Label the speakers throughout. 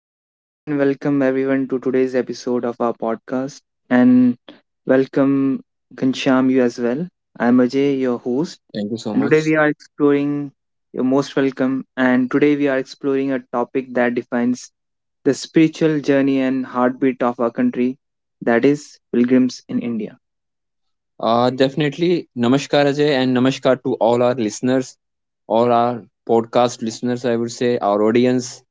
Speaker 1: Namaskar and welcome everyone to today's episode of our podcast. And welcome Ghanshyam, you as well. I'm Ajay, your host.
Speaker 2: Thank you so
Speaker 1: And today
Speaker 2: much.
Speaker 1: we are exploring, You're most welcome. And today we are exploring a topic that defines the spiritual journey and heartbeat of our country, that is pilgrims in India.
Speaker 2: Definitely, Namaskar Ajay and Namaskar to all our listeners, all our podcast listeners. I would say our audience.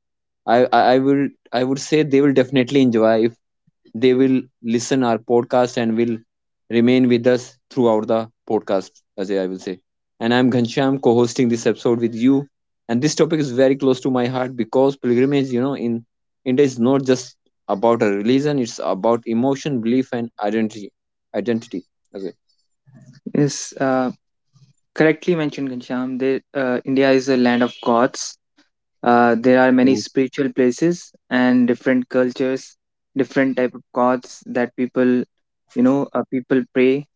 Speaker 2: I would say they will definitely enjoy if they will listen our podcast and will remain with us throughout the podcast, Ajay, I will say. And I'm Ghanshyam, co-hosting this episode with you. And this topic is very close to my heart because pilgrimage in India is not just about a religion, it's about emotion, belief, and identity. Identity. Okay.
Speaker 1: Yes, correctly mentioned, Ghanshyam. India is a land of gods. There are many
Speaker 2: So,
Speaker 1: spiritual places and different cultures, different type of gods that people pray,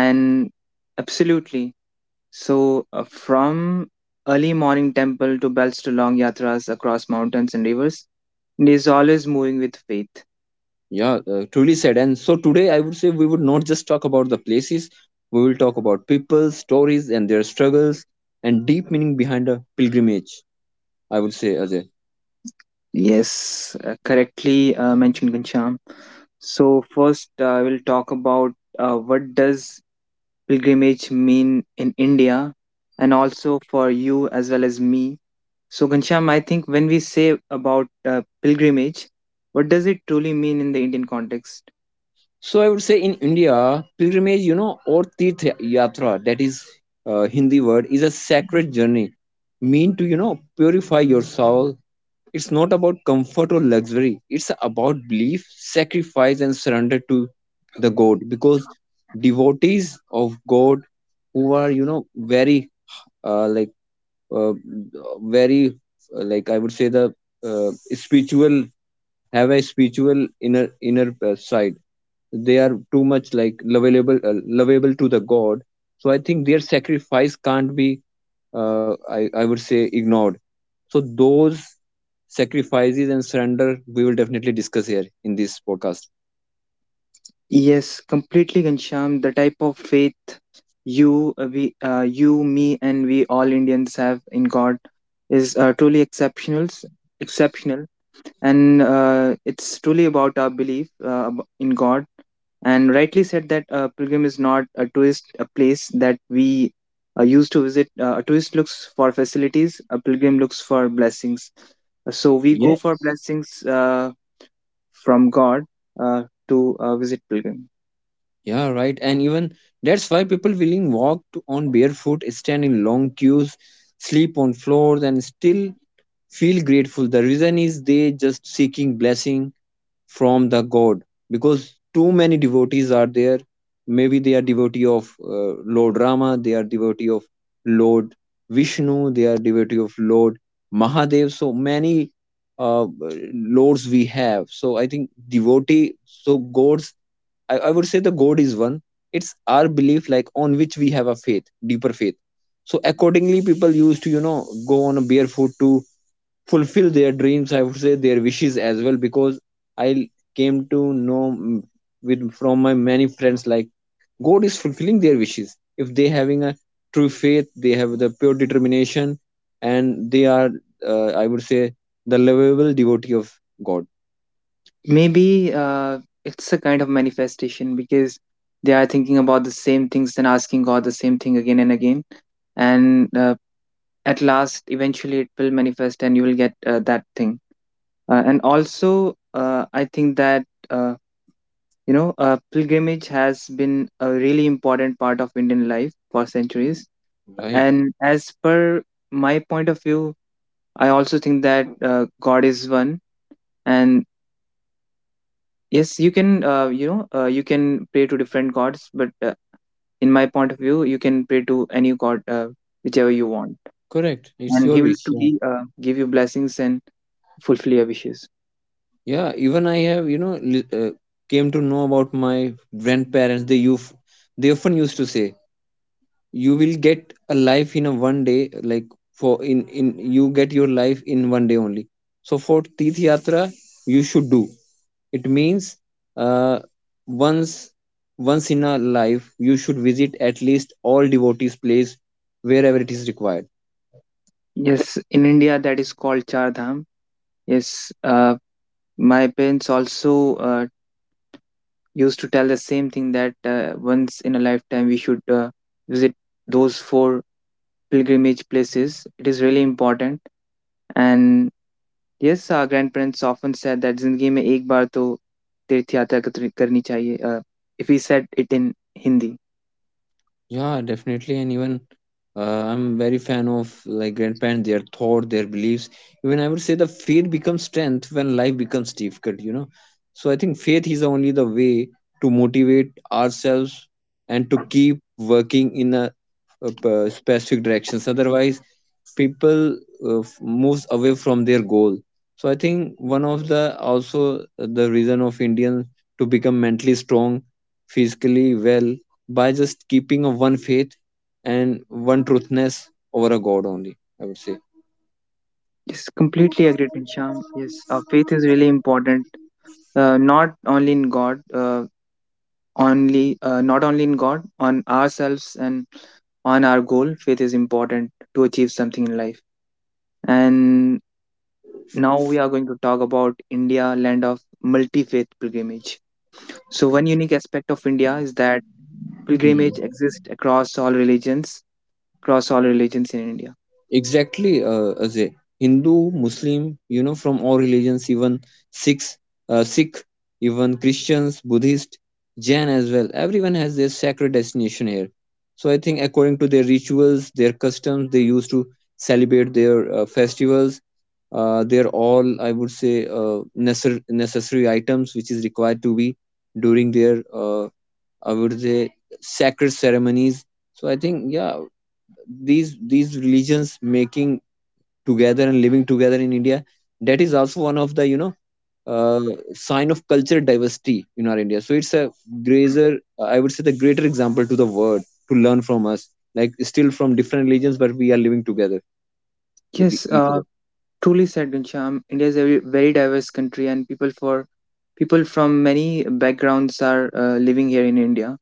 Speaker 1: and absolutely. So from early morning temple to bells to long yatras across mountains and rivers, and is always moving with faith.
Speaker 2: yeah, truly said. And so today I would say we would not just talk about the places, we will talk about people, stories, and their struggles and deep meaning behind a pilgrimage, I would say, Ajay.
Speaker 1: Yes, correctly mentioned, Ghanshyam. So first, I will talk about what does pilgrimage mean in India, and also for you as well as me. So, Ghanshyam, I think when we say about pilgrimage, what does it truly mean in the Indian context?
Speaker 2: So I would say in India, pilgrimage, or Tirth Yatra, that is Hindi word, is a sacred journey meant to purify your soul. It's not about comfort or luxury. It's about belief, sacrifice, and surrender to the God. Because devotees of God who are, you know, very, like, uh, very, like, I would say the uh, spiritual have a spiritual inner side. They are too much like lovable to the God. So I think their sacrifice can't be I would say ignored. So those sacrifices and surrender we will definitely discuss here in this podcast.
Speaker 1: Yes, completely, Ghanshyam. The type of faith you, me, and we all Indians have in God is truly exceptional. Exceptional, and it's truly about our belief in god. And rightly said that a pilgrim is not a tourist. A place that we used to visit, a tourist looks for facilities, a pilgrim looks for blessings. So we go for
Speaker 2: Yes.
Speaker 1: blessings, uh, from god, uh, to visit pilgrim.
Speaker 2: Yeah, right. And even that's why people willing walk to, on barefoot, stand in long queues, sleep on floors, and still feel grateful. The reason is they just seeking blessing from the god because too many devotees are there. Maybe they are devotee of lord Rama, they are devotee of lord Vishnu, they are devotee of lord Mahadev. So many uh, lords we have, so I think devotee so gods. I would say the god is one, it's our belief like on which we have a faith, deeper faith. So accordingly people used to go on a barefoot to fulfill their dreams, I would say their wishes as well. Because I came to know, with from my many friends, like god is fulfilling their wishes if they having a true faith, they have the pure determination and they are, I would say, the lovable devotee of god.
Speaker 1: Maybe uh, it's a kind of manifestation because they are thinking about the same things and asking god the same thing again and again, and at last eventually it will manifest and you will get that thing. And also, I think that uh, pilgrimage has been a really important part of Indian life for centuries.
Speaker 2: Right.
Speaker 1: And as per my point of view, I also think that god is one. And yes, you can, you can pray to different gods, but in my point of view, you can pray to any god, whichever you want,
Speaker 2: Correct, it's
Speaker 1: and
Speaker 2: your
Speaker 1: he will
Speaker 2: wish. Yeah.
Speaker 1: truly give you blessings and fulfill your wishes.
Speaker 2: Yeah, even I have, came to know about my grandparents. They you they often used to say you will get a life in a one day, like for in you get your life in one day only. So for tith yatra you should do, it means, uh, once once in a life you should visit at least all devotees place wherever it is required.
Speaker 1: Yes, in India that is called Char Dham. Yes, my parents also used to tell the same thing, that once in a lifetime we should visit those four pilgrimage places. It is really important. And yes, our grandparents often said that zindagi mein ek baar to तीर्थ यात्रा करनी चाहिए. If we said it in Hindi.
Speaker 2: Yeah, definitely. And even I'm very fan of like grandparents, their thought, their beliefs. Even I would say the faith becomes strength when life becomes difficult, you know. So I think faith is only the way to motivate ourselves and to keep working in a specific directions. Otherwise, people moves away from their goal. So I think one of the also the reason of Indians to become mentally strong, physically well, by just keeping of one faith and one truthness over a god only, I would say.
Speaker 1: Yes, completely agreed, Sham. Yes, our faith is really important, not only in God. Only Not only in god, on ourselves and on our goal, faith is important to achieve something in life. And now we are going to talk about India, land of multi-faith pilgrimage. So one unique aspect of India is that
Speaker 2: Mhm.
Speaker 1: pilgrimage exists across all religions, across all religions in India.
Speaker 2: Exactly, Ajay. Hindu, Muslim, you know, from all religions, even sikhs Sikh, even Christians, Buddhist, Jain as well, everyone has their sacred destination here. So I think according to their rituals, their customs, they used to celebrate their festivals, they're all I would say uh, necessary items which is required to be during their, uh, I would say, sacred ceremonies. So I think yeah, these religions making together and living together in India, that is also one of the, uh, sign of cultural diversity in our India. So it's a greater, I would say, the greater example to the world to learn from us. Like still from different religions, but we are living together with
Speaker 1: Yes,
Speaker 2: each other.
Speaker 1: truly said, Ghanshyam. India is a very very diverse country, and people from many backgrounds are living here in India,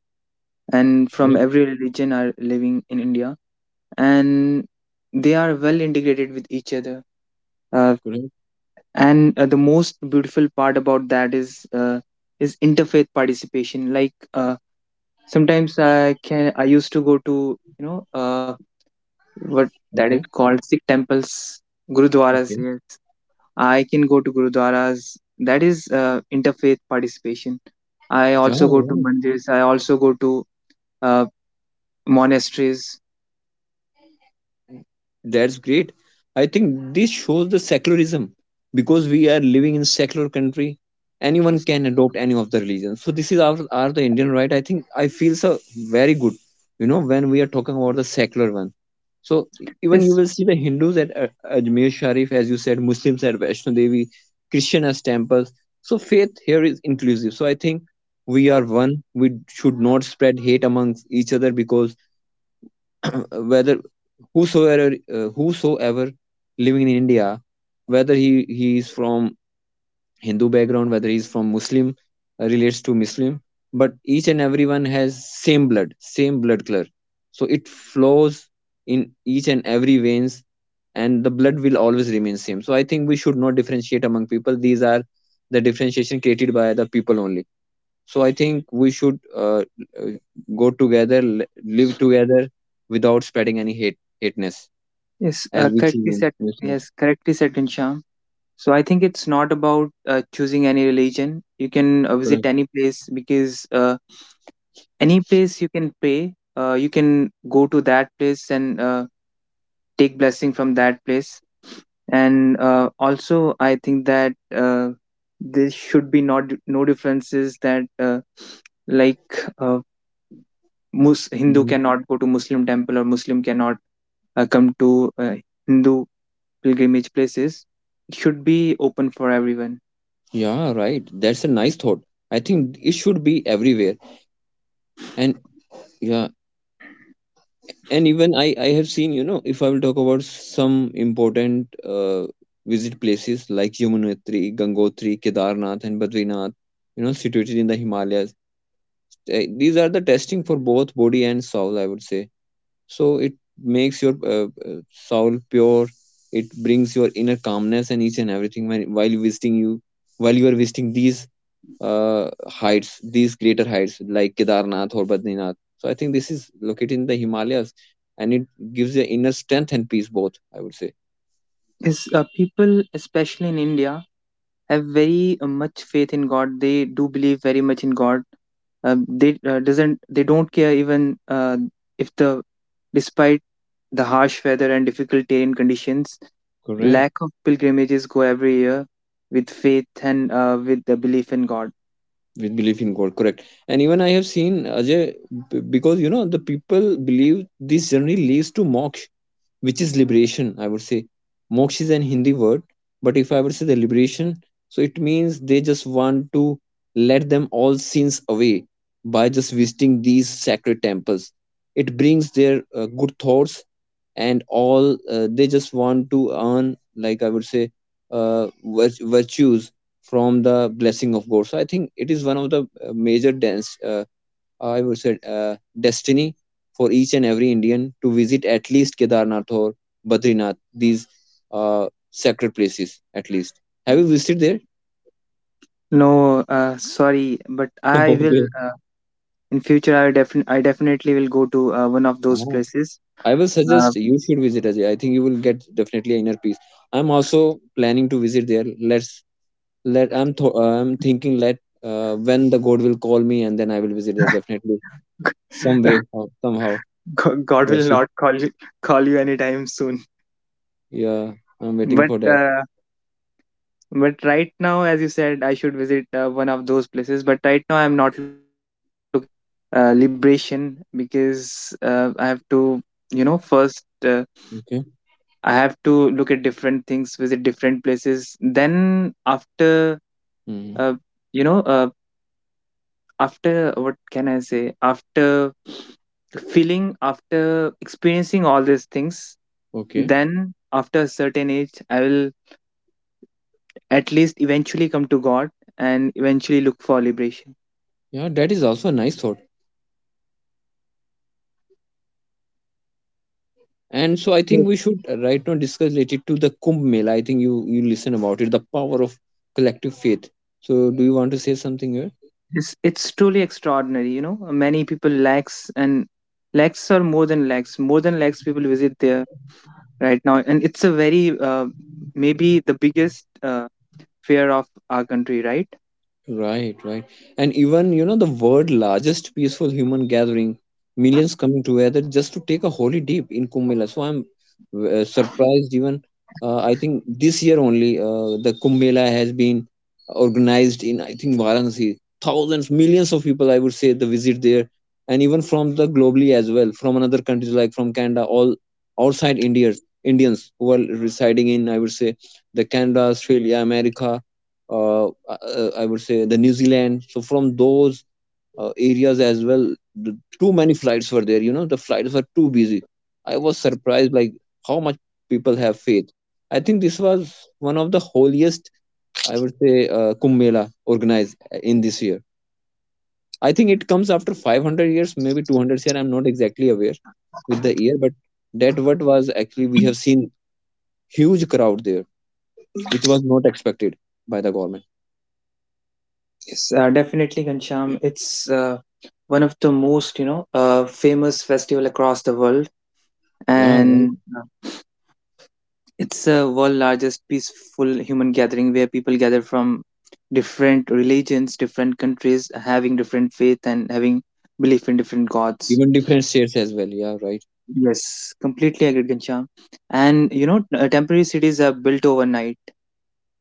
Speaker 1: and from
Speaker 2: Correct,
Speaker 1: every religion are living in India, and they are well integrated with each other. Uh,
Speaker 2: correct.
Speaker 1: and The most beautiful part about that is interfaith participation. Like, sometimes I used to go to, what that is
Speaker 2: Okay.
Speaker 1: called, Sikh temples, gurudwaras.
Speaker 2: Okay.
Speaker 1: Yes, I can go to gurudwaras. That is interfaith participation. I
Speaker 2: Yeah,
Speaker 1: also go to
Speaker 2: yeah.
Speaker 1: mandirs. I also go to uh, monasteries.
Speaker 2: That's great. I think this shows the secularism because we are living in secular country. Anyone can adopt any of the religions. So this is our are the Indian right. I think I feel so very good. You know when we are talking about the secular one. So even you
Speaker 1: Yes,
Speaker 2: will see the Hindus at Ajmer Sharif, as you said, Muslims at Vaishno Devi, Christian as temples. So faith here is inclusive. So I think we are one. We should not spread hate amongst each other because, uh, whether whosoever whosoever living in India, whether he is from Hindu background, whether he is from Muslim, relates to Muslim, but each and everyone has same blood color, so it flows in each and every veins, and the blood will always remain same. So I think we should not differentiate among people. These are the differentiation created by the people only. So I think we should go together, live together without spreading any hate, hateness,
Speaker 1: yes,
Speaker 2: as we see
Speaker 1: correctly
Speaker 2: in
Speaker 1: said.
Speaker 2: listeners.
Speaker 1: Yes, correctly said, Ghanshyam. So I think it's not about choosing any religion. You can visit
Speaker 2: Correct.
Speaker 1: any place, because any place you can pray, you can go to that place and take blessing from that place. And also, I think that there should be not no differences, that like, uh, Hindu
Speaker 2: Mhm.
Speaker 1: cannot go to Muslim temple, or Muslim cannot come to Hindu pilgrimage places. It should be open for everyone.
Speaker 2: Yeah, right. That's a nice thought. I think it should be everywhere. And yeah, and even I have seen, you know, if I will talk about some important visit places like Yamunotri, Gangotri, Kedarnath, and Badrinath, you know, situated in the Himalayas. Eh, these are the testing for both body and soul, I would say. So it makes your soul pure, it brings your inner calmness and each and everything when, while visiting you, while you are visiting these heights, these greater heights like Kedarnath or Badrinath. So I think this is located in the Himalayas and it gives you inner strength and peace both, I would say.
Speaker 1: Is people, especially in India, have very much faith in god; they do believe very much in god. They don't care even, uh, if the, despite the harsh weather and difficult terrain conditions,
Speaker 2: Correct.
Speaker 1: lack of pilgrimages, go every year with faith, and with the belief in god.
Speaker 2: With belief in god, correct. And even I have seen Ajay, because you know the people believe this journey leads to moksha, which is liberation, I would say. Moksha is an Hindi word, but if I would say the liberation, so it means they just want to let them all sins away by just visiting these sacred temples. It brings their good thoughts and all, they just want to earn, like I would say, uh, virtues from the blessing of god. So I think it is one of the major dance, I would say, destiny for each and every Indian to visit at least Kedarnath or Badrinath, these sacred places, at least. Have you visited there?
Speaker 1: No, sorry, but I will,
Speaker 2: Okay.
Speaker 1: in future, I definitely will go to one of those
Speaker 2: Oh,
Speaker 1: places.
Speaker 2: I will
Speaker 1: uh,
Speaker 2: suggest you should visit Ajay. I think you will get definitely inner peace. I'm also planning to visit there. Let's let I'm th- I'm thinking let when the God will call me and then I will visit there definitely, some way or somehow.
Speaker 1: God will
Speaker 2: Let's see.
Speaker 1: not call you anytime soon.
Speaker 2: Yeah, I'm waiting
Speaker 1: But
Speaker 2: for that.
Speaker 1: uh, but right now, as you said, I should visit one of those places. But right now, I'm not looking for liberation, because I have to, first,
Speaker 2: Okay.
Speaker 1: I have to look at different things, visit different places. Then after,
Speaker 2: Hmm.
Speaker 1: uh, you know, uh, after, what can I say? After feeling, after experiencing all these things,
Speaker 2: Okay.
Speaker 1: then after a certain age I will at least eventually come to God, and eventually look for liberation.
Speaker 2: Yeah, that is also a nice thought. And so I think
Speaker 1: Yes.
Speaker 2: we should right now discuss related to the Kumbh Mela. I think you listen about it, the power of collective faith. So do you want to say something?
Speaker 1: It's truly extraordinary. Many people, lakhs and lakhs, or more than lakhs, people visit there right now, and it's a very maybe the biggest fear of our country, right?
Speaker 2: Right, right. And even, you know, the world largest peaceful human gathering, millions coming together just to take a holy dip in Kumbh Mela. So I'm surprised even, I think this year only, the Kumbh Mela has been organized in, I think, Varanasi. Thousands, millions of people, I would say, the visit there. And even from the globally as well, from another countries like from Canada, all outside India, Indians who are residing in, I would say, the Canada, Australia, America, I would say the New Zealand. So from those areas as well, the, too many flights were there. You know, the flights were too busy. I was surprised like how much people have faith. I think this was one of the holiest, I would say, Kumbh Mela organized in this year. I think it comes after 500 years, maybe 200 years. I'm not exactly aware with the year, but that what was actually we have seen huge crowd there, which was not expected by the government.
Speaker 1: Yes, definitely, Gansham. It's one of the most famous festival across the world,
Speaker 2: Yeah, right.
Speaker 1: and it's a world largest peaceful human gathering, where people gather from different religions, different countries, having different faith and having belief in different gods.
Speaker 2: Even different states as well. Yeah, right.
Speaker 1: Yes, completely agreed, Gansham. And temporary cities are built overnight,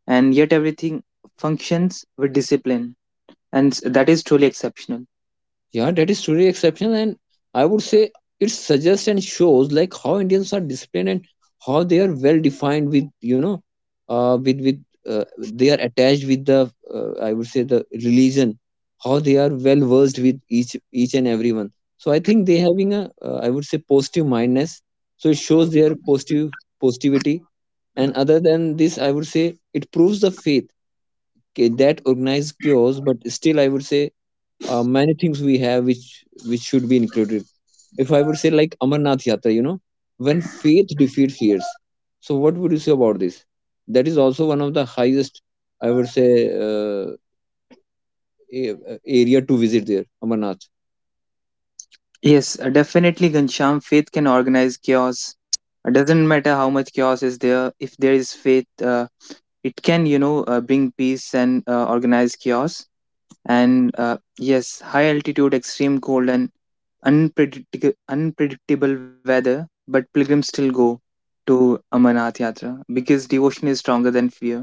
Speaker 1: and yet everything functions with discipline, and that is truly exceptional.
Speaker 2: Yeah, that is truly exceptional. And I would say it suggests and shows like how Indians are disciplined and how they are well defined with you know uh, with with uh, they are attached with the, I would say, the religion, how they are well versed with each and everyone. So I think they having a, I would say, positive mindness. So it shows their positive positivity. And other than this, I would say it proves the faith. Okay, that organized chaos. But still, I would say, many things we have which should be included. If I would say like Amarnath Yatra, you know, when faith defeats fears. So what would you say about this? That is also one of the highest, I would say, uh, a- area to visit there, Amarnath.
Speaker 1: Yes, definitely, Gansham. Faith can organize chaos. It doesn't matter how much chaos is there. If there is faith, it can, bring peace and organize chaos. And yes, high altitude, extreme cold, and unpredictable weather, but pilgrims still go to Amarnath yatra because devotion is stronger than fear.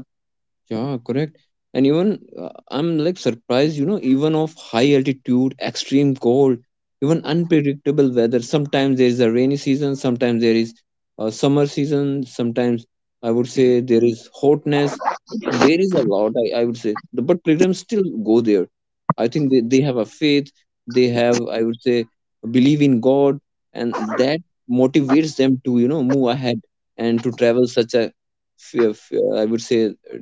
Speaker 2: Yeah, correct. And even I'm like surprised, you know, even of high altitude, extreme cold, even unpredictable weather. Sometimes there is a rainy season, sometimes there is a summer season, sometimes I would say there is hotness. It varies a lot, I would say. The, but pilgrims still go there. I think they have a faith, they have, I would say, a belief in God, and that motivates them to, you know, move ahead and to travel such a I would say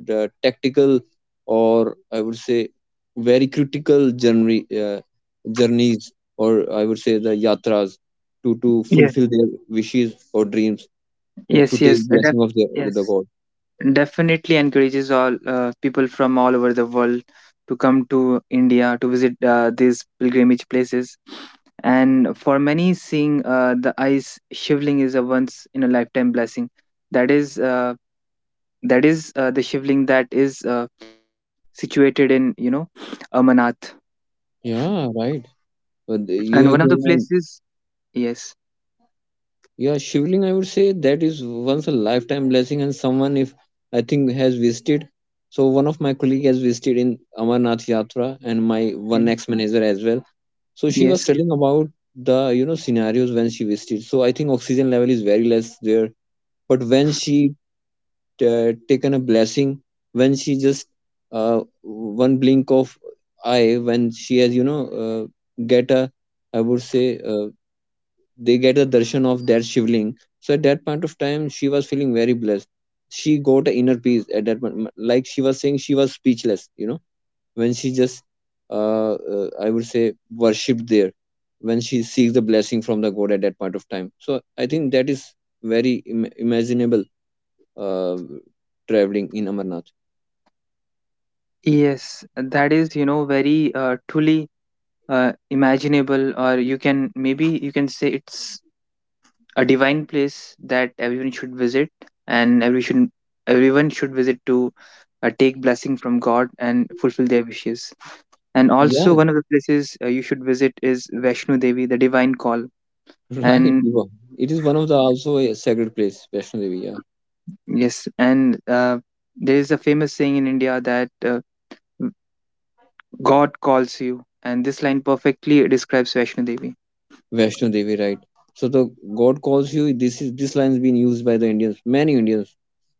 Speaker 2: the tactical, or I would say very critical journeys, or I would say the yatras, to fulfill their wishes or dreams,
Speaker 1: Yeah,
Speaker 2: to
Speaker 1: yes,
Speaker 2: take
Speaker 1: yes,
Speaker 2: blessing of the
Speaker 1: yes,
Speaker 2: god.
Speaker 1: definitely encourages all people from all over the world to come to India to visit these pilgrimage places. And for many, seeing the ice shivling is a once in a lifetime blessing. That is uh, that is The shivling, that is situated in, Amarnath,
Speaker 2: Yeah, right. But
Speaker 1: and one
Speaker 2: you
Speaker 1: of the
Speaker 2: have given a-
Speaker 1: places. Yes,
Speaker 2: yeah, shivling. I would say that is once a lifetime blessing, and someone if I think has visited. So one of my colleague has visited in Amarnath Yatra, and my one
Speaker 1: and-
Speaker 2: ex manager as well. So she was
Speaker 1: yes,
Speaker 2: telling about the, you know, scenarios when she visited. So I think oxygen level is very less there. But when she taken a blessing, when she just one blink of eye, when she has get a, I would say, they get a darshan of that shivling. So at that point of time, she was feeling very blessed. She got a inner peace at that point. Like she was saying, she was speechless. You know, when she just I would say worshipped there, when she seeks the blessing from the god at that point of time. So I think that is very Im- imaginable, uh, traveling in Amarnath.
Speaker 1: yes. That is, very truly imaginable, or you can, say it's a divine place that everyone should visit. And everyone should visit to take blessing from god and fulfill their wishes. And also
Speaker 2: Yeah.
Speaker 1: one of the places you should visit is Vaishnu Devi, the divine call.
Speaker 2: Right,
Speaker 1: And
Speaker 2: Diva. It is one of the also a sacred place, Vaishno Devi. Yeah.
Speaker 1: yes, and there is a famous saying in India that god calls you, and this line perfectly describes Vaishnu Devi.
Speaker 2: Vaishno Devi, right? So the God calls you. This is this line has been used by the Indians, many Indians,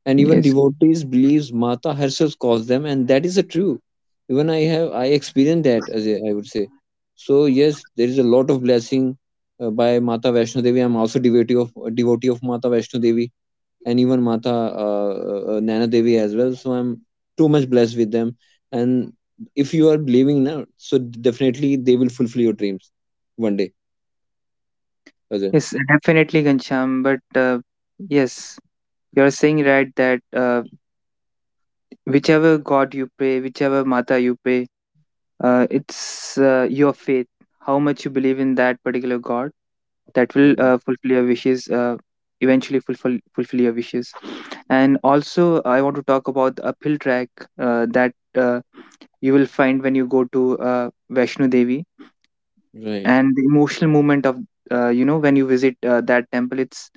Speaker 2: and even
Speaker 1: Yes,
Speaker 2: devotees believes Mata herself calls them, and that is a true. Even I have I experienced that as I would say. So yes, there is a lot of blessing by Mata Vaishno Devi. I'm also devotee of Mata Vaishno Devi, and even Mata Nana Devi as well. So I'm too much blessed with them. And if you are believing now, so definitely they will fulfill your dreams one day. Ajay.
Speaker 1: yes, definitely, Gancham. But yes, you are saying right that whichever God you pray, whichever Mata you pray, it's your faith. How much you believe in that particular God, that will
Speaker 2: Mhm.
Speaker 1: fulfill your wishes. Eventually fulfill your wishes. And also, I want to talk about the uphill track that you will find when you go to Vaishno Devi,
Speaker 2: Right,
Speaker 1: and the emotional moment of, when you visit that temple. It's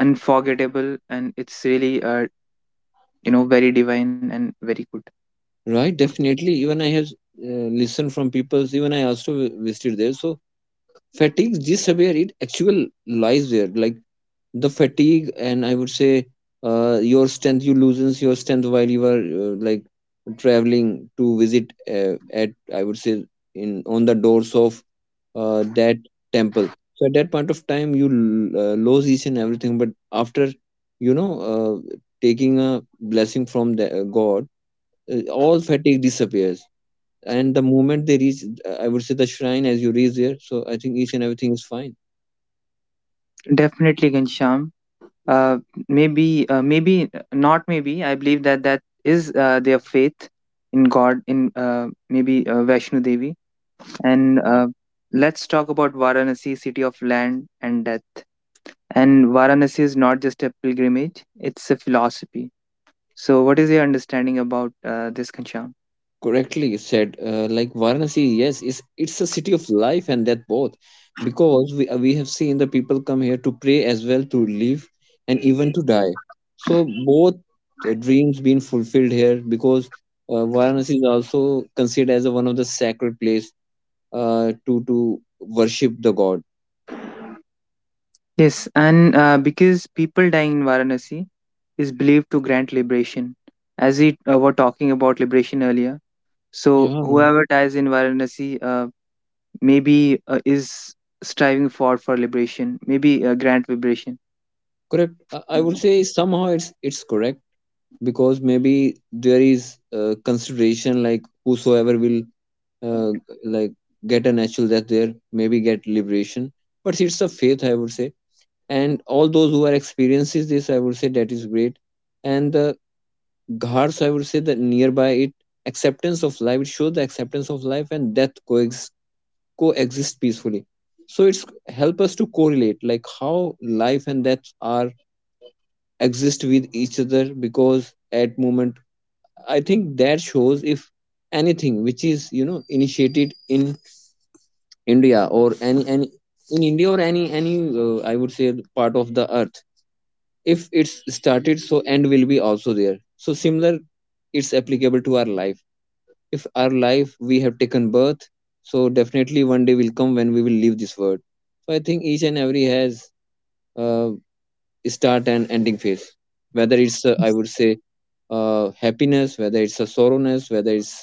Speaker 1: unforgettable, and it's really, very divine and very good.
Speaker 2: right, definitely. Even I have listened from people, even I also visited there. So fatigue this disappear, it actual lies there. Like the fatigue, and I would say your strength, you loses your strength while you are like traveling to visit at, I would say, in on the doors of that temple. So at that point of time, you lose each and everything. But after, you know, uh, taking a blessing from the God, all fatigue disappears. And the moment they reach, I would say the shrine, as you reach there, so I think each and everything is fine.
Speaker 1: Definitely, Gansham. Uh, maybe maybe Not maybe, I believe that that is their faith in god, in, maybe Vaishnu Devi. And
Speaker 2: Yeah.
Speaker 1: let's talk about Varanasi, city of land and death. And Varanasi is not just a pilgrimage, it's a philosophy. So what is your understanding about this, Kancham?
Speaker 2: Correctly said. Like Varanasi, yes, it's a city of life and death both, because we have seen the people come here to pray as well, to live, and even to die. So both dreams being fulfilled here, because Varanasi is also considered as a, one of the sacred place to worship the god.
Speaker 1: Yes, and because people dying in Varanasi is believed to grant liberation, as we were talking about liberation earlier. So
Speaker 2: Yeah,
Speaker 1: whoever dies in Varanasi, maybe is striving for liberation, maybe a grand vibration.
Speaker 2: correct. I would say somehow it's correct. Because maybe there is consideration like whosoever will, uh, like, get a natural death there, maybe get liberation. But it's a faith, I would say. And all those who are experiences this, I would say that is great. And the ghats, I would say that nearby it, acceptance of life, it shows the acceptance of life and death coexist, coexist peacefully. So it's help us to correlate like how life and death are exist with each other. Because at moment, I think that shows if anything which is, you know, initiated in india or any any India or any I would say the part of the earth, if it's started, so end will be also there. So similar, it's applicable to our life. If our life we have taken birth, so definitely one day will come when we will leave this world. So I think each and every has uh, start and ending phase. Whether it's I would say, happiness, whether it's a sorrowness, whether it's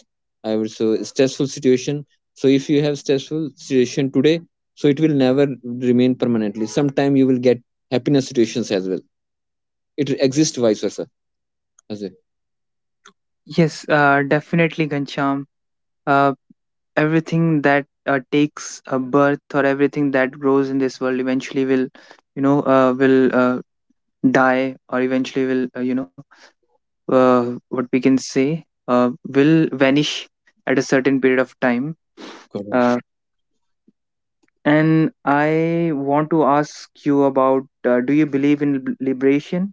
Speaker 2: I would say stressful situation. So if you have stressful situation today, so it will never remain permanently. Sometime you will get happiness situations as well. It exists vice versa as
Speaker 1: Yes, definitely, Gancham. uh, Everything that takes a birth, or everything that grows in this world, eventually will, you know uh, will uh, die, or eventually will, what we can say, will vanish at a certain period of time.
Speaker 2: well.
Speaker 1: uh, and I want to ask you about, do you believe in liberation?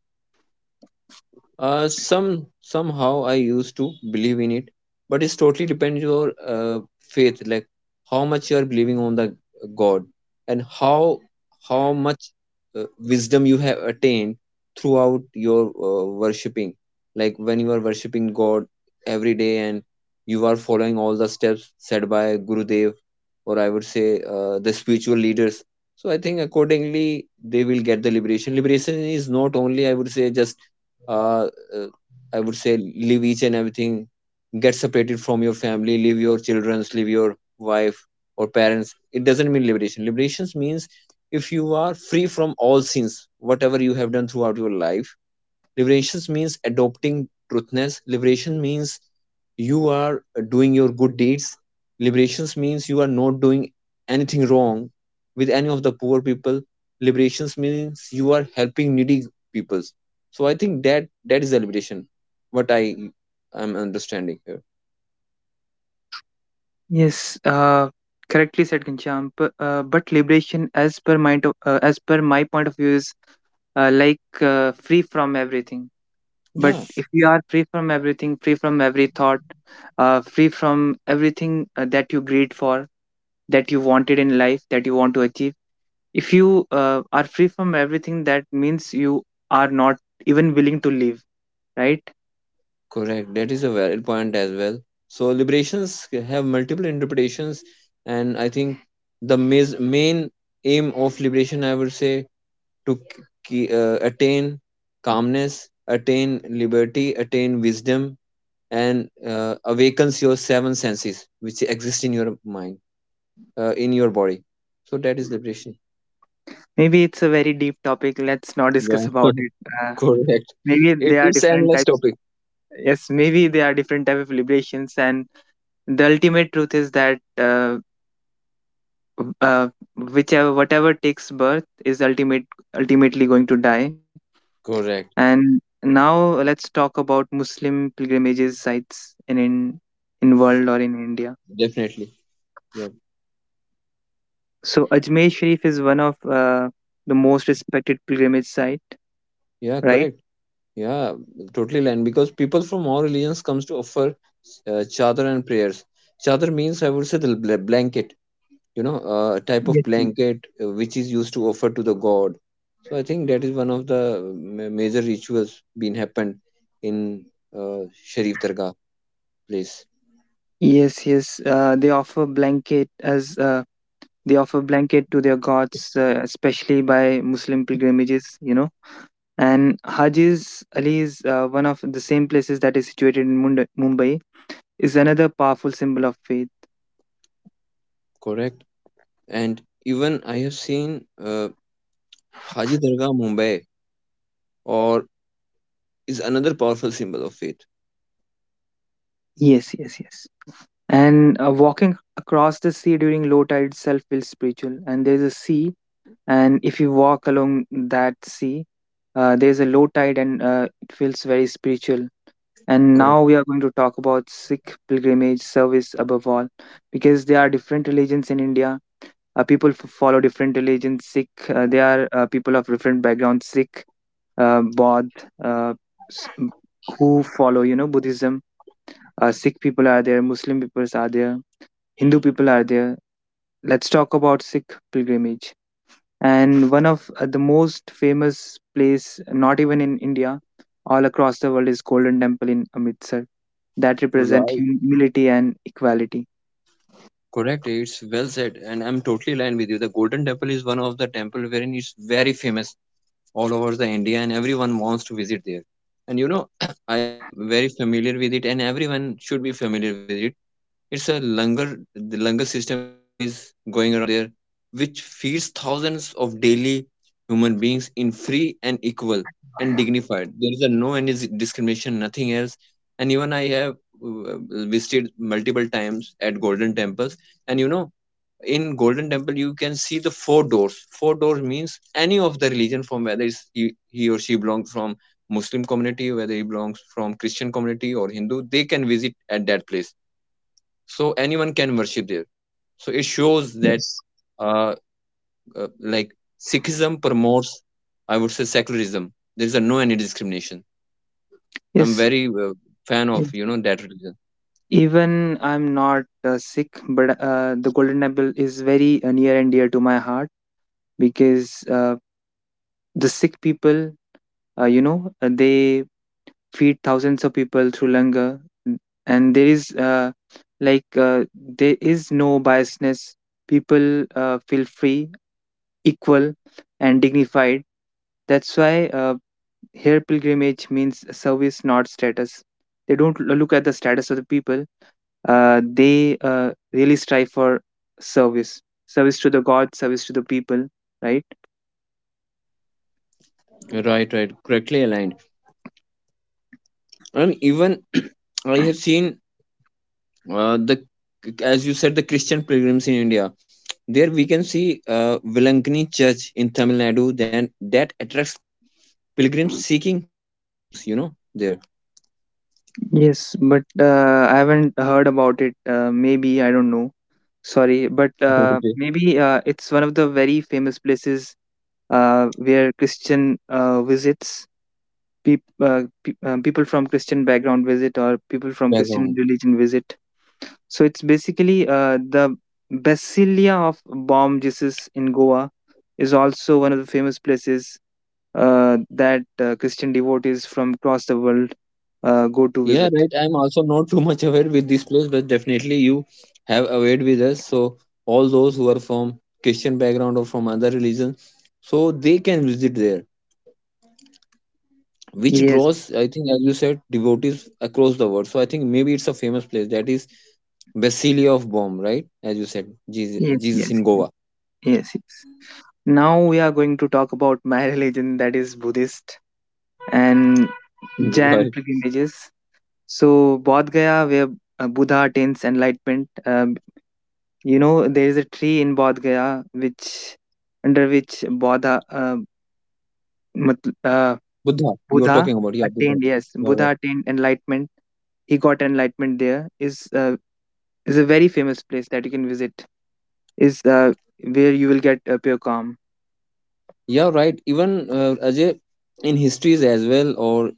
Speaker 2: Somehow I used to believe in it, but it's totally depends your faith, like how much you are believing on the God, and how much wisdom you have attained throughout your worshipping. Like when you are worshipping God every day, and you are following all the steps said by Gurudev, or I would say the spiritual leaders. So I think accordingly they will get the liberation. Liberation is not only, I would say, just uh, uh, I would say leave each and everything, get separated from your family, leave your children, leave your wife or parents. It doesn't mean liberation. Liberation means if you are free from all sins, whatever you have done throughout your life. Liberation means adopting truthness. Liberation means you are doing your good deeds. Liberation means you are not doing anything wrong with any of the poor people. Liberation means you are helping needy peoples. So I think that is the liberation. What I am understanding here.
Speaker 1: Yes, correctly said, Ghanshyam. But liberation, as per my as per my point of view, is like free from everything. But
Speaker 2: Yeah,
Speaker 1: if you are free from everything, free from every thought, free from everything that you greed for, that you wanted in life, that you want to achieve, if you are free from everything, that means you are not even willing to live, right?
Speaker 2: correct. That is a valid point as well. So liberations have multiple interpretations, and I think the main aim of liberation, I would say, to attain calmness, attain liberty, attain wisdom, and awakens your seven senses which exist in your mind, in your body. So that is liberation.
Speaker 1: Maybe it's a very deep topic. Let's not discuss
Speaker 2: Yeah.
Speaker 1: about it. Uh,
Speaker 2: Correct.
Speaker 1: Maybe
Speaker 2: It
Speaker 1: there are
Speaker 2: is
Speaker 1: different
Speaker 2: endless
Speaker 1: types.
Speaker 2: topic.
Speaker 1: Yes, maybe there are different type of liberations, and the ultimate truth is that uh, whichever whatever takes birth is ultimately going to die.
Speaker 2: Correct.
Speaker 1: And now let's talk about Muslim pilgrimages sites in world or in India.
Speaker 2: Definitely. Yeah.
Speaker 1: So Ajmer Sharif is one of the most respected pilgrimage site,
Speaker 2: Yeah.
Speaker 1: right?
Speaker 2: Correct. Yeah. Totally land, because people from all religions comes to offer uh, chadar and prayers. Chadar means, I would say, the blanket, you know, type of
Speaker 1: Yes.
Speaker 2: blanket which is used to offer to the god. So I think that is one of the major rituals being happened in uh, Sharif Dargah place.
Speaker 1: Yes, yes. They offer blanket to their gods, especially by Muslim pilgrimages. You know, and Haji's Ali is one of the same places that is situated in Mumbai, is another powerful symbol of faith.
Speaker 2: Correct. And even I have seen uh, Haji Dargah Mumbai, or, is another powerful symbol of faith.
Speaker 1: Yes, yes, yes. And walking across the sea during low tide itself feels spiritual. And there's a sea, and if you walk along that sea, there's a low tide, and it feels very spiritual. And now we
Speaker 2: Correct.
Speaker 1: are going to talk about Sikh pilgrimage service above all, because there are different religions in India. People follow different religions. Sikh, they are people of different backgrounds. Sikh, Bodh, uh, s- m- who follow Buddhism. Sikh people are there. Muslim people are there. Hindu people are there. Let's talk about Sikh pilgrimage, and one of the most famous place, not even in India, all across the world, is Golden Temple in Amritsar, that represent
Speaker 2: Right.
Speaker 1: humility and equality.
Speaker 2: Correct, it's well said, and I'm totally aligned with you. The Golden Temple is one of the temple wherein it's very famous all over the India, and everyone wants to visit there. And you know, I'm very familiar with it, and everyone should be familiar with it. It's a langar, the langar system is going around there, which feeds thousands of daily human beings in free and equal and dignified. There is a no any discrimination, nothing else. And even I have uh, uh, visited multiple times at Golden Temples. And you know, in Golden Temple you can see the four doors. Four doors means any of the religion, from whether it's he or she, belongs from Muslim community, whether he belongs from Christian community or Hindu, they can visit at that place. So anyone can worship there. So it shows
Speaker 1: Yes.
Speaker 2: that uh, like Sikhism promotes, I would say, secularism. There is a no any discrimination. I'm
Speaker 1: yes
Speaker 2: very fan
Speaker 1: yes.
Speaker 2: of, you know, that religion.
Speaker 1: Even I'm not Sikh, but the Golden Temple is very near and dear to my heart, because uh, the Sikh people, they feed thousands of people through langar, and there is like uh, there is no biasness. People feel free, equal, and dignified. That's why here pilgrimage means service, not status. They don't look at the status of the people. They really strive for service. Service to the god, service to the people, right?
Speaker 2: Right, right, correctly aligned. And even I have seen the, as you said, the Christian pilgrims in India. There we can see Velankani Church in Tamil Nadu, then that attracts pilgrims seeking healings, you know, there.
Speaker 1: Yes, but I haven't heard about it. Maybe I don't know. Sorry, but
Speaker 2: Okay.
Speaker 1: maybe it's one of the very famous places where Christian visits. People from Christian background visit, or people from Christian
Speaker 2: Background.
Speaker 1: religion visit. So it's basically the Basilia of Bom Jesus in Goa is also one of the famous places that Christian devotees from across the world go to
Speaker 2: Yeah,
Speaker 1: visit.
Speaker 2: right. I'm also not too much aware with this place, but definitely you have aware with us. So all those who are from Christian background or from other religions, so they can visit there, which
Speaker 1: Yes,
Speaker 2: draws, I think as you said, devotees across the world. So I think maybe it's a famous place that is Vasily of Bom, right? As you said, Jesus,
Speaker 1: yes,
Speaker 2: Jesus in
Speaker 1: yes, yes,
Speaker 2: Goa.
Speaker 1: yes, yes. Now we are going to talk about my religion, that is Buddhist and Jain
Speaker 2: Right.
Speaker 1: pilgrimages. So Bodh Gaya, where Buddha attains enlightenment. You know, there is a tree in Bodh Gaya which, under which mat- uh,
Speaker 2: Buddha, you are
Speaker 1: Buddha
Speaker 2: talking about. Yeah, Buddha.
Speaker 1: attained. Yes,
Speaker 2: Yeah, right.
Speaker 1: Buddha attained enlightenment. He got enlightenment there. Is a very famous place that you can visit. Is where you will get pure calm.
Speaker 2: Yeah, right. Even Ajay, in histories as well, or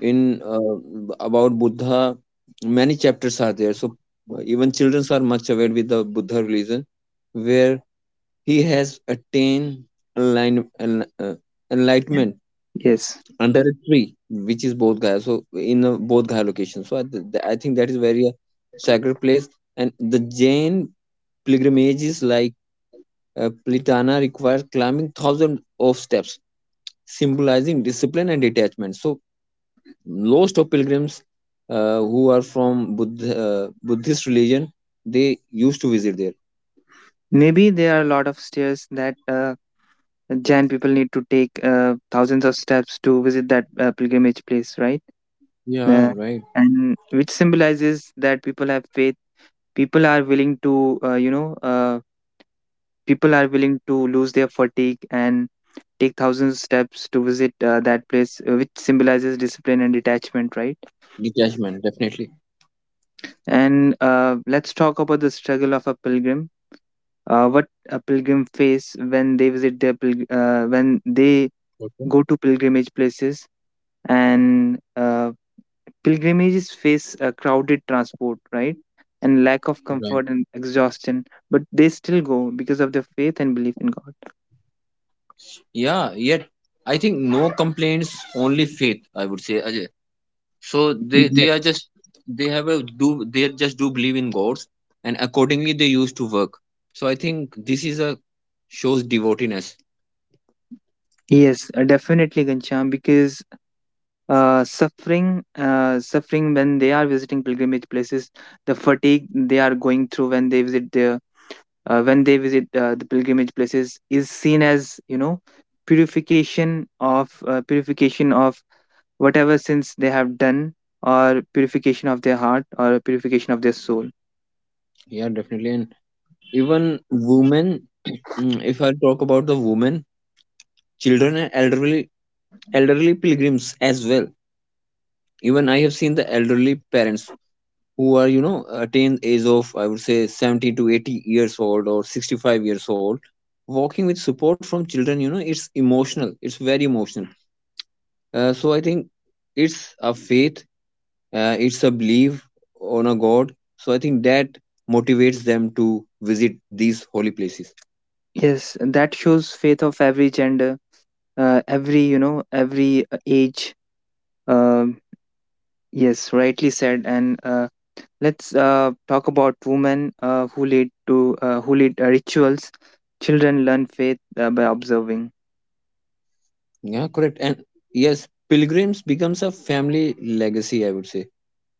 Speaker 2: in about Buddha, many chapters are there. So even children are much aware with the Buddha religion, where he has attained enlighten, uh, enlightenment
Speaker 1: Yes,
Speaker 2: under a tree, which is both Gaya. So in both Gaya locations. So I, I think that is very sacred place. And the Jain pilgrimages like Plitana require climbing thousands of steps, symbolizing discipline and detachment. So most of pilgrims who are from Buddhist religion, they used to visit there.
Speaker 1: maybe there are a lot of stairs that. Jain people need to take thousands of steps to visit that pilgrimage place, right?
Speaker 2: Yeah,
Speaker 1: Uh,
Speaker 2: right.
Speaker 1: and which symbolizes that people have faith. People are willing to, people are willing to lose their fatigue and take thousands of steps to visit that place, which symbolizes discipline and detachment, right?
Speaker 2: Detachment, definitely.
Speaker 1: And let's talk about the struggle of a pilgrim. What a pilgrim face when they visit their when they go to pilgrimage places, and pilgrimages face crowded transport, right, and lack of
Speaker 2: Right.
Speaker 1: comfort and exhaustion, but they still go because of their faith and belief in god.
Speaker 2: Yeah, yet I think no complaints, only faith, I would say. So they are
Speaker 1: Yes,
Speaker 2: just they have a do they just do believe in gods, and accordingly they used to work. So I think this is a shows devoteedness.
Speaker 1: yes, definitely Gancham, because suffering when they are visiting pilgrimage places, the fatigue they are going through when they visit the when they visit the pilgrimage places is seen as you know purification of whatever sins they have done, or purification of their heart, or purification of their soul.
Speaker 2: Yeah, definitely. And even women, if I talk about the women, children and elderly, elderly pilgrims as well. Even I have seen the elderly parents who, are you know, attained age of, I would say, 70 to 80 years old or 65 years old, walking with support from children. You know, it's emotional, it's very emotional. So I think it's a faith, it's a belief on a God. So I think that motivates them to visit these holy places.
Speaker 1: Yes, that shows faith of every gender, every you know, every age. Um, yes, rightly said. And let's talk about women who lead rituals. Children learn faith by observing.
Speaker 2: Yeah, correct. And yes, pilgrims becomes a family legacy, I would say.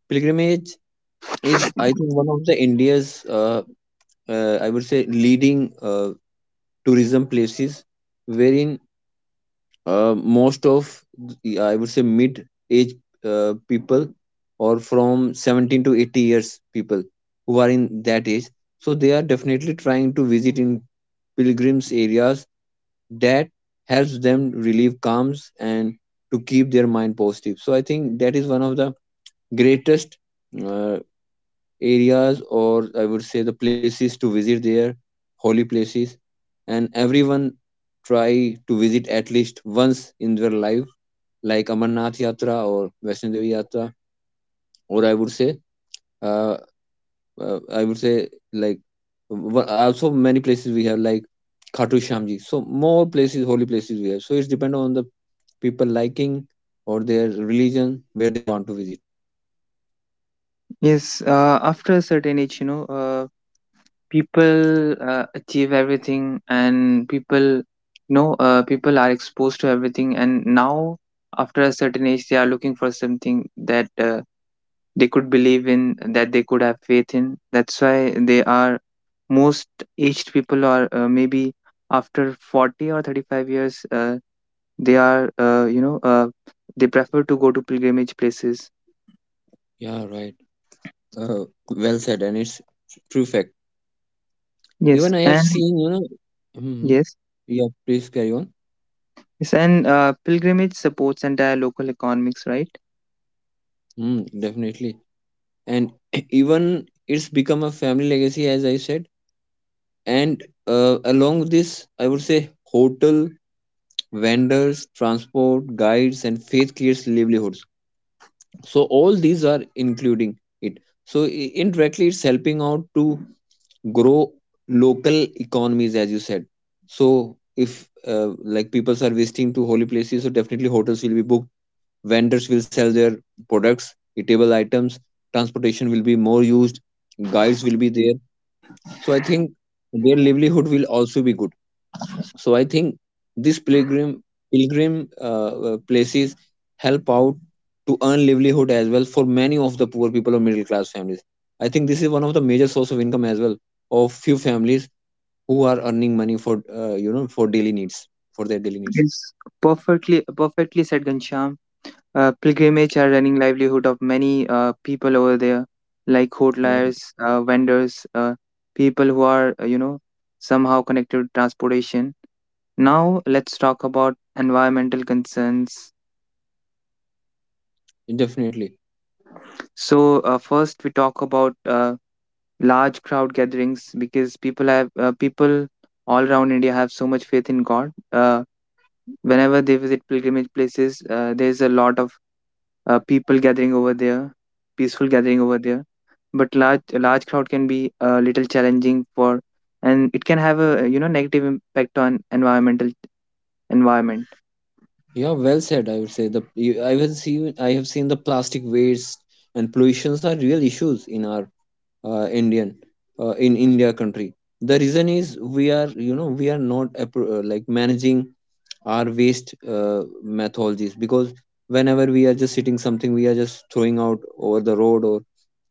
Speaker 2: Pilgrimage is, I think, one of the India's, I would say leading, tourism places, wherein most of I would say mid age people, or from 17 to 80 years people, who are in that age. So they are definitely trying to visit in pilgrims areas that helps them relieve calms and to keep their mind positive. So I think that is one of the greatest, uh, areas, or I would say the places to visit there, holy places, and everyone try to visit at least once in their life, like Amarnath Yatra or Vaishno Devi Yatra, or uh, I would say like, also many places we have, like Khatu Shyamji. So more places, holy places we have. So it's depend on the people liking or their religion where they want to visit.
Speaker 1: Yes, after a certain age, you know. People achieve everything and people you know people are exposed to everything and now after a certain age they are looking for something that they could believe in, that they could have faith in. That's why they are most aged people, or maybe after 40 or 35 years, they are you know they prefer to go to pilgrimage places.
Speaker 2: Yeah, right. Uh, well said, and it's true fact.
Speaker 1: yes
Speaker 2: Even I have
Speaker 1: and
Speaker 2: seen, you know. Hmm.
Speaker 1: yes,
Speaker 2: Yeah, please carry on.
Speaker 1: yes, and pilgrimage supports entire local economics, right.
Speaker 2: Mm, definitely. And even it's become a family legacy, as I said. And along with this, I would say, hotel, vendors, transport, guides and faith creates livelihoods. So all these are including it. So indirectly it's helping out to grow local economies, as you said. So if, like, people are visiting to holy places, so definitely hotels will be booked, vendors will sell their products, eatable items, transportation will be more used, guides will be there. So I think their livelihood will also be good. So I think these pilgrim places help out to earn livelihood as well, for many of the poor people or middle class families. I think this is one of the major source of income as well of few families who are earning money for, you know, for daily needs, for their daily needs.
Speaker 1: It's perfectly perfectly said, Ghanshyam. Pilgrimage are running livelihood of many people over there, like
Speaker 2: Yeah,
Speaker 1: hoteliers, vendors, people who are somehow connected to transportation. Now let's talk about environmental concerns.
Speaker 2: definitely.
Speaker 1: So first we talk about large crowd gatherings, because people have people all around India have so much faith in God. Whenever they visit pilgrimage places, there's a lot of people gathering over there, peaceful gathering over there. But large large crowd can be a little challenging for, and it can have a you know negative impact on environment.
Speaker 2: Yeah, well said. I would say the, I have seen, I have seen the plastic waste and pollutions are real issues in our Indian, in India country. The reason is we are, you know, we are not like managing our waste methodologies, because whenever we are just sitting something, we are just throwing out over the road, or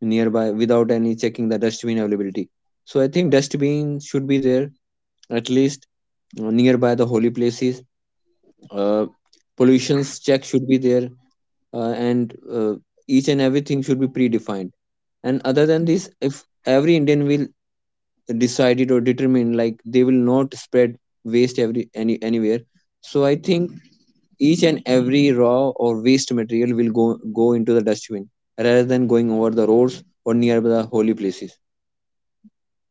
Speaker 2: nearby, without any checking the dustbin availability. So I think dustbin should be there, at least nearby the holy places. Uh, pollutions check should be there, and each and everything should be predefined. And other than this, if every Indian will decided or determined like they will not spread waste every any anywhere, so I think each and every raw or waste material will go into the dustbin, rather than going over the roads or nearby the holy places.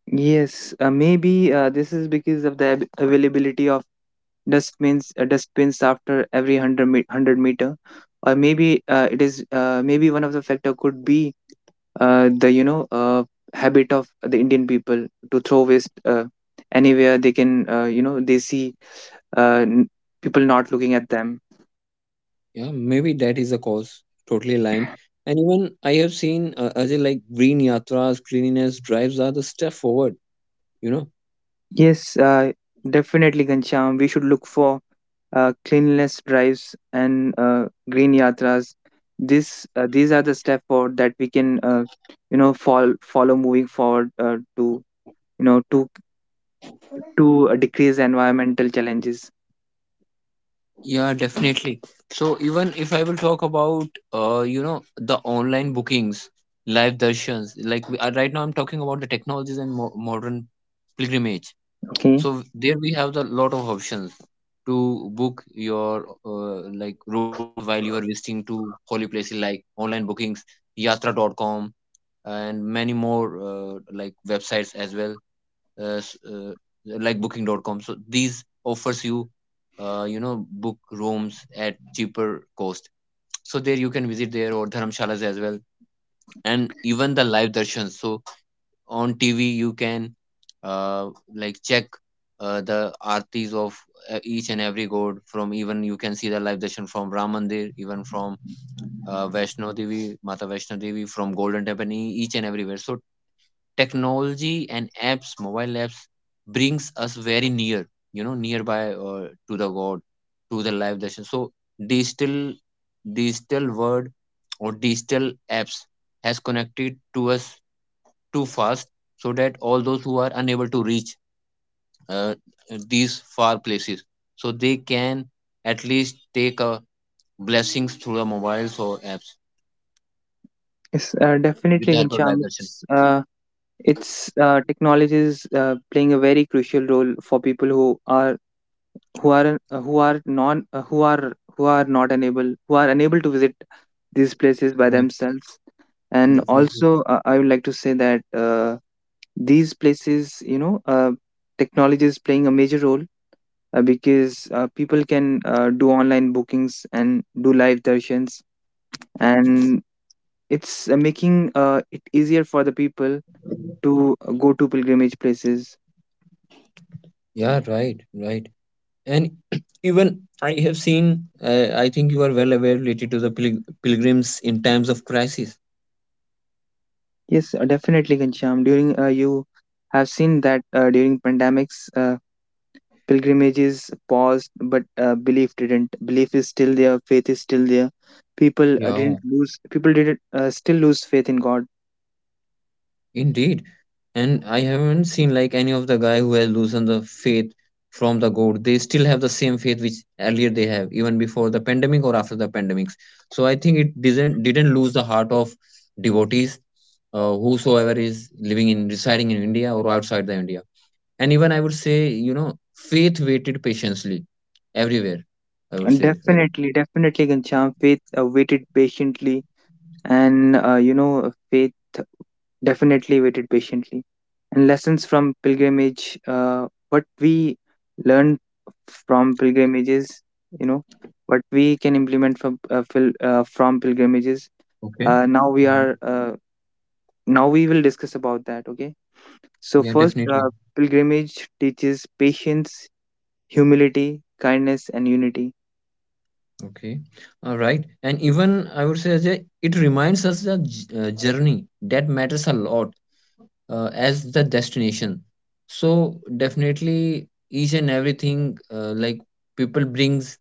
Speaker 1: Yes, maybe this is because of the availability of dustbins after every 100 100 meter, or maybe it is maybe one of the factor could be the you know habit of the Indian people to throw waste anywhere they can. You know they see uh, n- people not looking at them.
Speaker 2: Yeah, maybe that is the cause, totally aligned. And even I have seen, Ajay, like green yatras, cleanliness drives are the step forward, you know.
Speaker 1: Yes, definitely, Gansham. We should look for cleanliness drives and green yatras. This these are the steps for that we can follow moving forward to you know to decrease environmental challenges.
Speaker 2: Yeah, definitely. So even if I will talk about, you know, the online bookings, live darshans, like we, right now I'm talking about the technologies and mo modern pilgrimage.
Speaker 1: Okay,
Speaker 2: So there we have the lot of options to book your like rooms while you are visiting to holy places, like online bookings, yatra.com, and many more like websites as well, uh, uh, like booking.com. So these offers you, you know, book rooms at cheaper cost. So there you can visit there, or dharamshalas as well. And even the live darshans, so on TV you can, uh, like check, the artis of, each and every god. From even, you can see the live darshan from Ram Mandir, even from Vaishno Devi Mata, Vaishno Devi, from Golden Temple, each and everywhere. So technology and apps, mobile apps, brings us very near, you know, nearby to the God, to the live darshan. So digital, digital world, or digital apps, has connected to us too fast, so that all those who are unable to reach uh, these far places, so they can at least take a blessings through the mobiles or apps,
Speaker 1: yes,
Speaker 2: with the
Speaker 1: definitely
Speaker 2: help of live
Speaker 1: Gansham.
Speaker 2: darshan.
Speaker 1: It's technology is playing a very crucial role for people who are who are who are non who are not unable who are unable to visit these places by
Speaker 2: Right,
Speaker 1: themselves. And
Speaker 2: definitely.
Speaker 1: also, I would like to say that these places, you know, technology is playing a major role because people can do online bookings and do live darshans, and it's making it easier for the people to go to pilgrimage places.
Speaker 2: Yeah, right, right. And even I have seen, I think you are well aware related to the pilgrims in times of crisis.
Speaker 1: Yes, definitely, Ghanshyam. During you have seen that during pandemics, pilgrimages paused, but belief didn't. Belief is still there. Faith is still there. People
Speaker 2: Yeah,
Speaker 1: didn't lose. People didn't still lose faith in God.
Speaker 2: indeed. And I haven't seen like any of the guy who has loosened the faith from the god. They still have the same faith which earlier they have, even before the pandemic or after the pandemics. So I think it didn't lose the heart of devotees, whosoever is living in, residing in India or outside the India. And even I would say, you know, faith waited patiently everywhere, I would
Speaker 1: And
Speaker 2: say, Rajat.
Speaker 1: definitely, definitely, Ghanshyam. Faith waited patiently, and faith definitely waited patiently. And lessons from pilgrimage, what we learn from pilgrimages, you know, what we can implement from from pilgrimages.
Speaker 2: Okay.
Speaker 1: uh, now we
Speaker 2: Mm.
Speaker 1: are uh, now we will discuss about that. Okay, so
Speaker 2: Yeah,
Speaker 1: first,
Speaker 2: definitely.
Speaker 1: pilgrimage teaches patience, humility, kindness, and unity.
Speaker 2: Okay, all right. And even I would say, Ajay, it reminds us the journey that matters a lot, as the destination. So definitely each and everything, like people brings,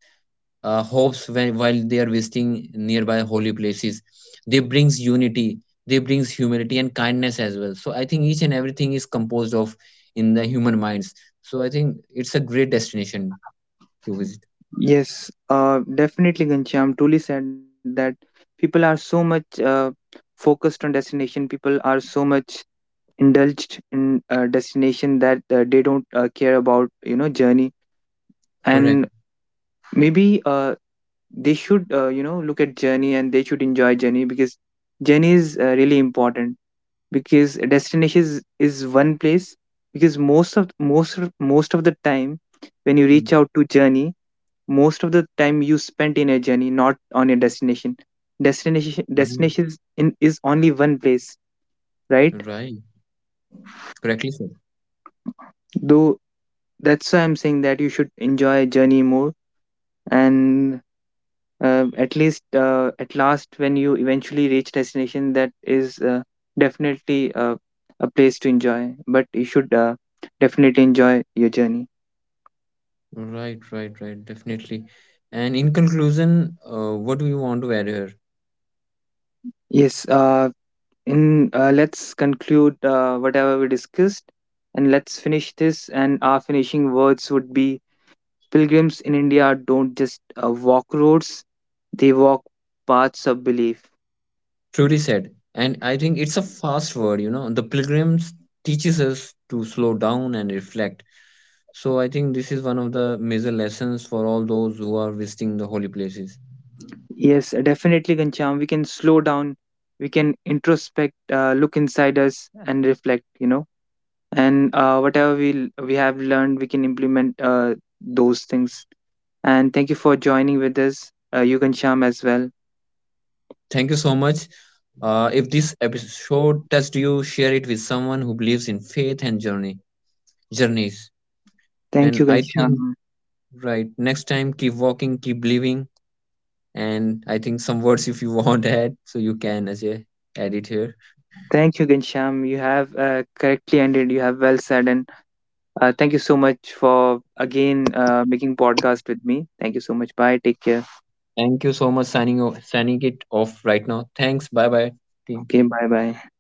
Speaker 2: hopes when, while they are visiting nearby holy places. They brings unity, they brings humility and kindness as well. So I think each and everything is composed of in the human minds. So I think it's a great destination to visit.
Speaker 1: Yes, definitely, Ganchi. I'm truly sad that people are so much focused on destination. People are so much indulged in destination, that they don't care about you know journey.
Speaker 2: Correct.
Speaker 1: And maybe they should you know look at journey and they should enjoy journey, because journey is really important. Because destination is one place. Because most of the time, when you
Speaker 2: Mm.
Speaker 1: reach out to journey, most of the time you spent in a journey, not on a destination.
Speaker 2: Right.
Speaker 1: Destinations in is only one place, right?
Speaker 2: Right. Correctly said.
Speaker 1: Though, that's why I'm saying that you should enjoy a journey more, and at last, when you eventually reach destination, that is definitely a place to enjoy, but you should definitely enjoy your journey.
Speaker 2: Right, right, right. Definitely. And in conclusion, what do you want to add here?
Speaker 1: Yes, in let's conclude whatever we discussed, and let's finish this, and our finishing words would be: pilgrims in India don't just walk roads, they walk paths of belief.
Speaker 2: Truly said. And I think it's a fast word, you know. The pilgrims teaches us to slow down and reflect. So I think this is one of the major lessons for all those who are visiting the holy places.
Speaker 1: Yes, definitely Gancham, we can slow down, we can introspect, look inside us and reflect, you know, and whatever we have learned we can implement those things. And thank you for joining with us, you Gancham as well.
Speaker 2: Thank you so much. If this episode touched you, share it with someone who believes in faith and journeys.
Speaker 1: Thank
Speaker 2: And
Speaker 1: you
Speaker 2: I
Speaker 1: Gancham.
Speaker 2: think right next time, keep walking, keep believing. And I think some words if you want to add, so you can, Ajay, add it here.
Speaker 1: Thank you, Gansham. You have correctly ended. You have well said, and thank you so much for again making podcast with me. Thank you so much. Bye. Take care.
Speaker 2: Thank you so much, signing off, signing it off right now. Thanks. Bye bye, team.
Speaker 1: Okay. Bye. Bye.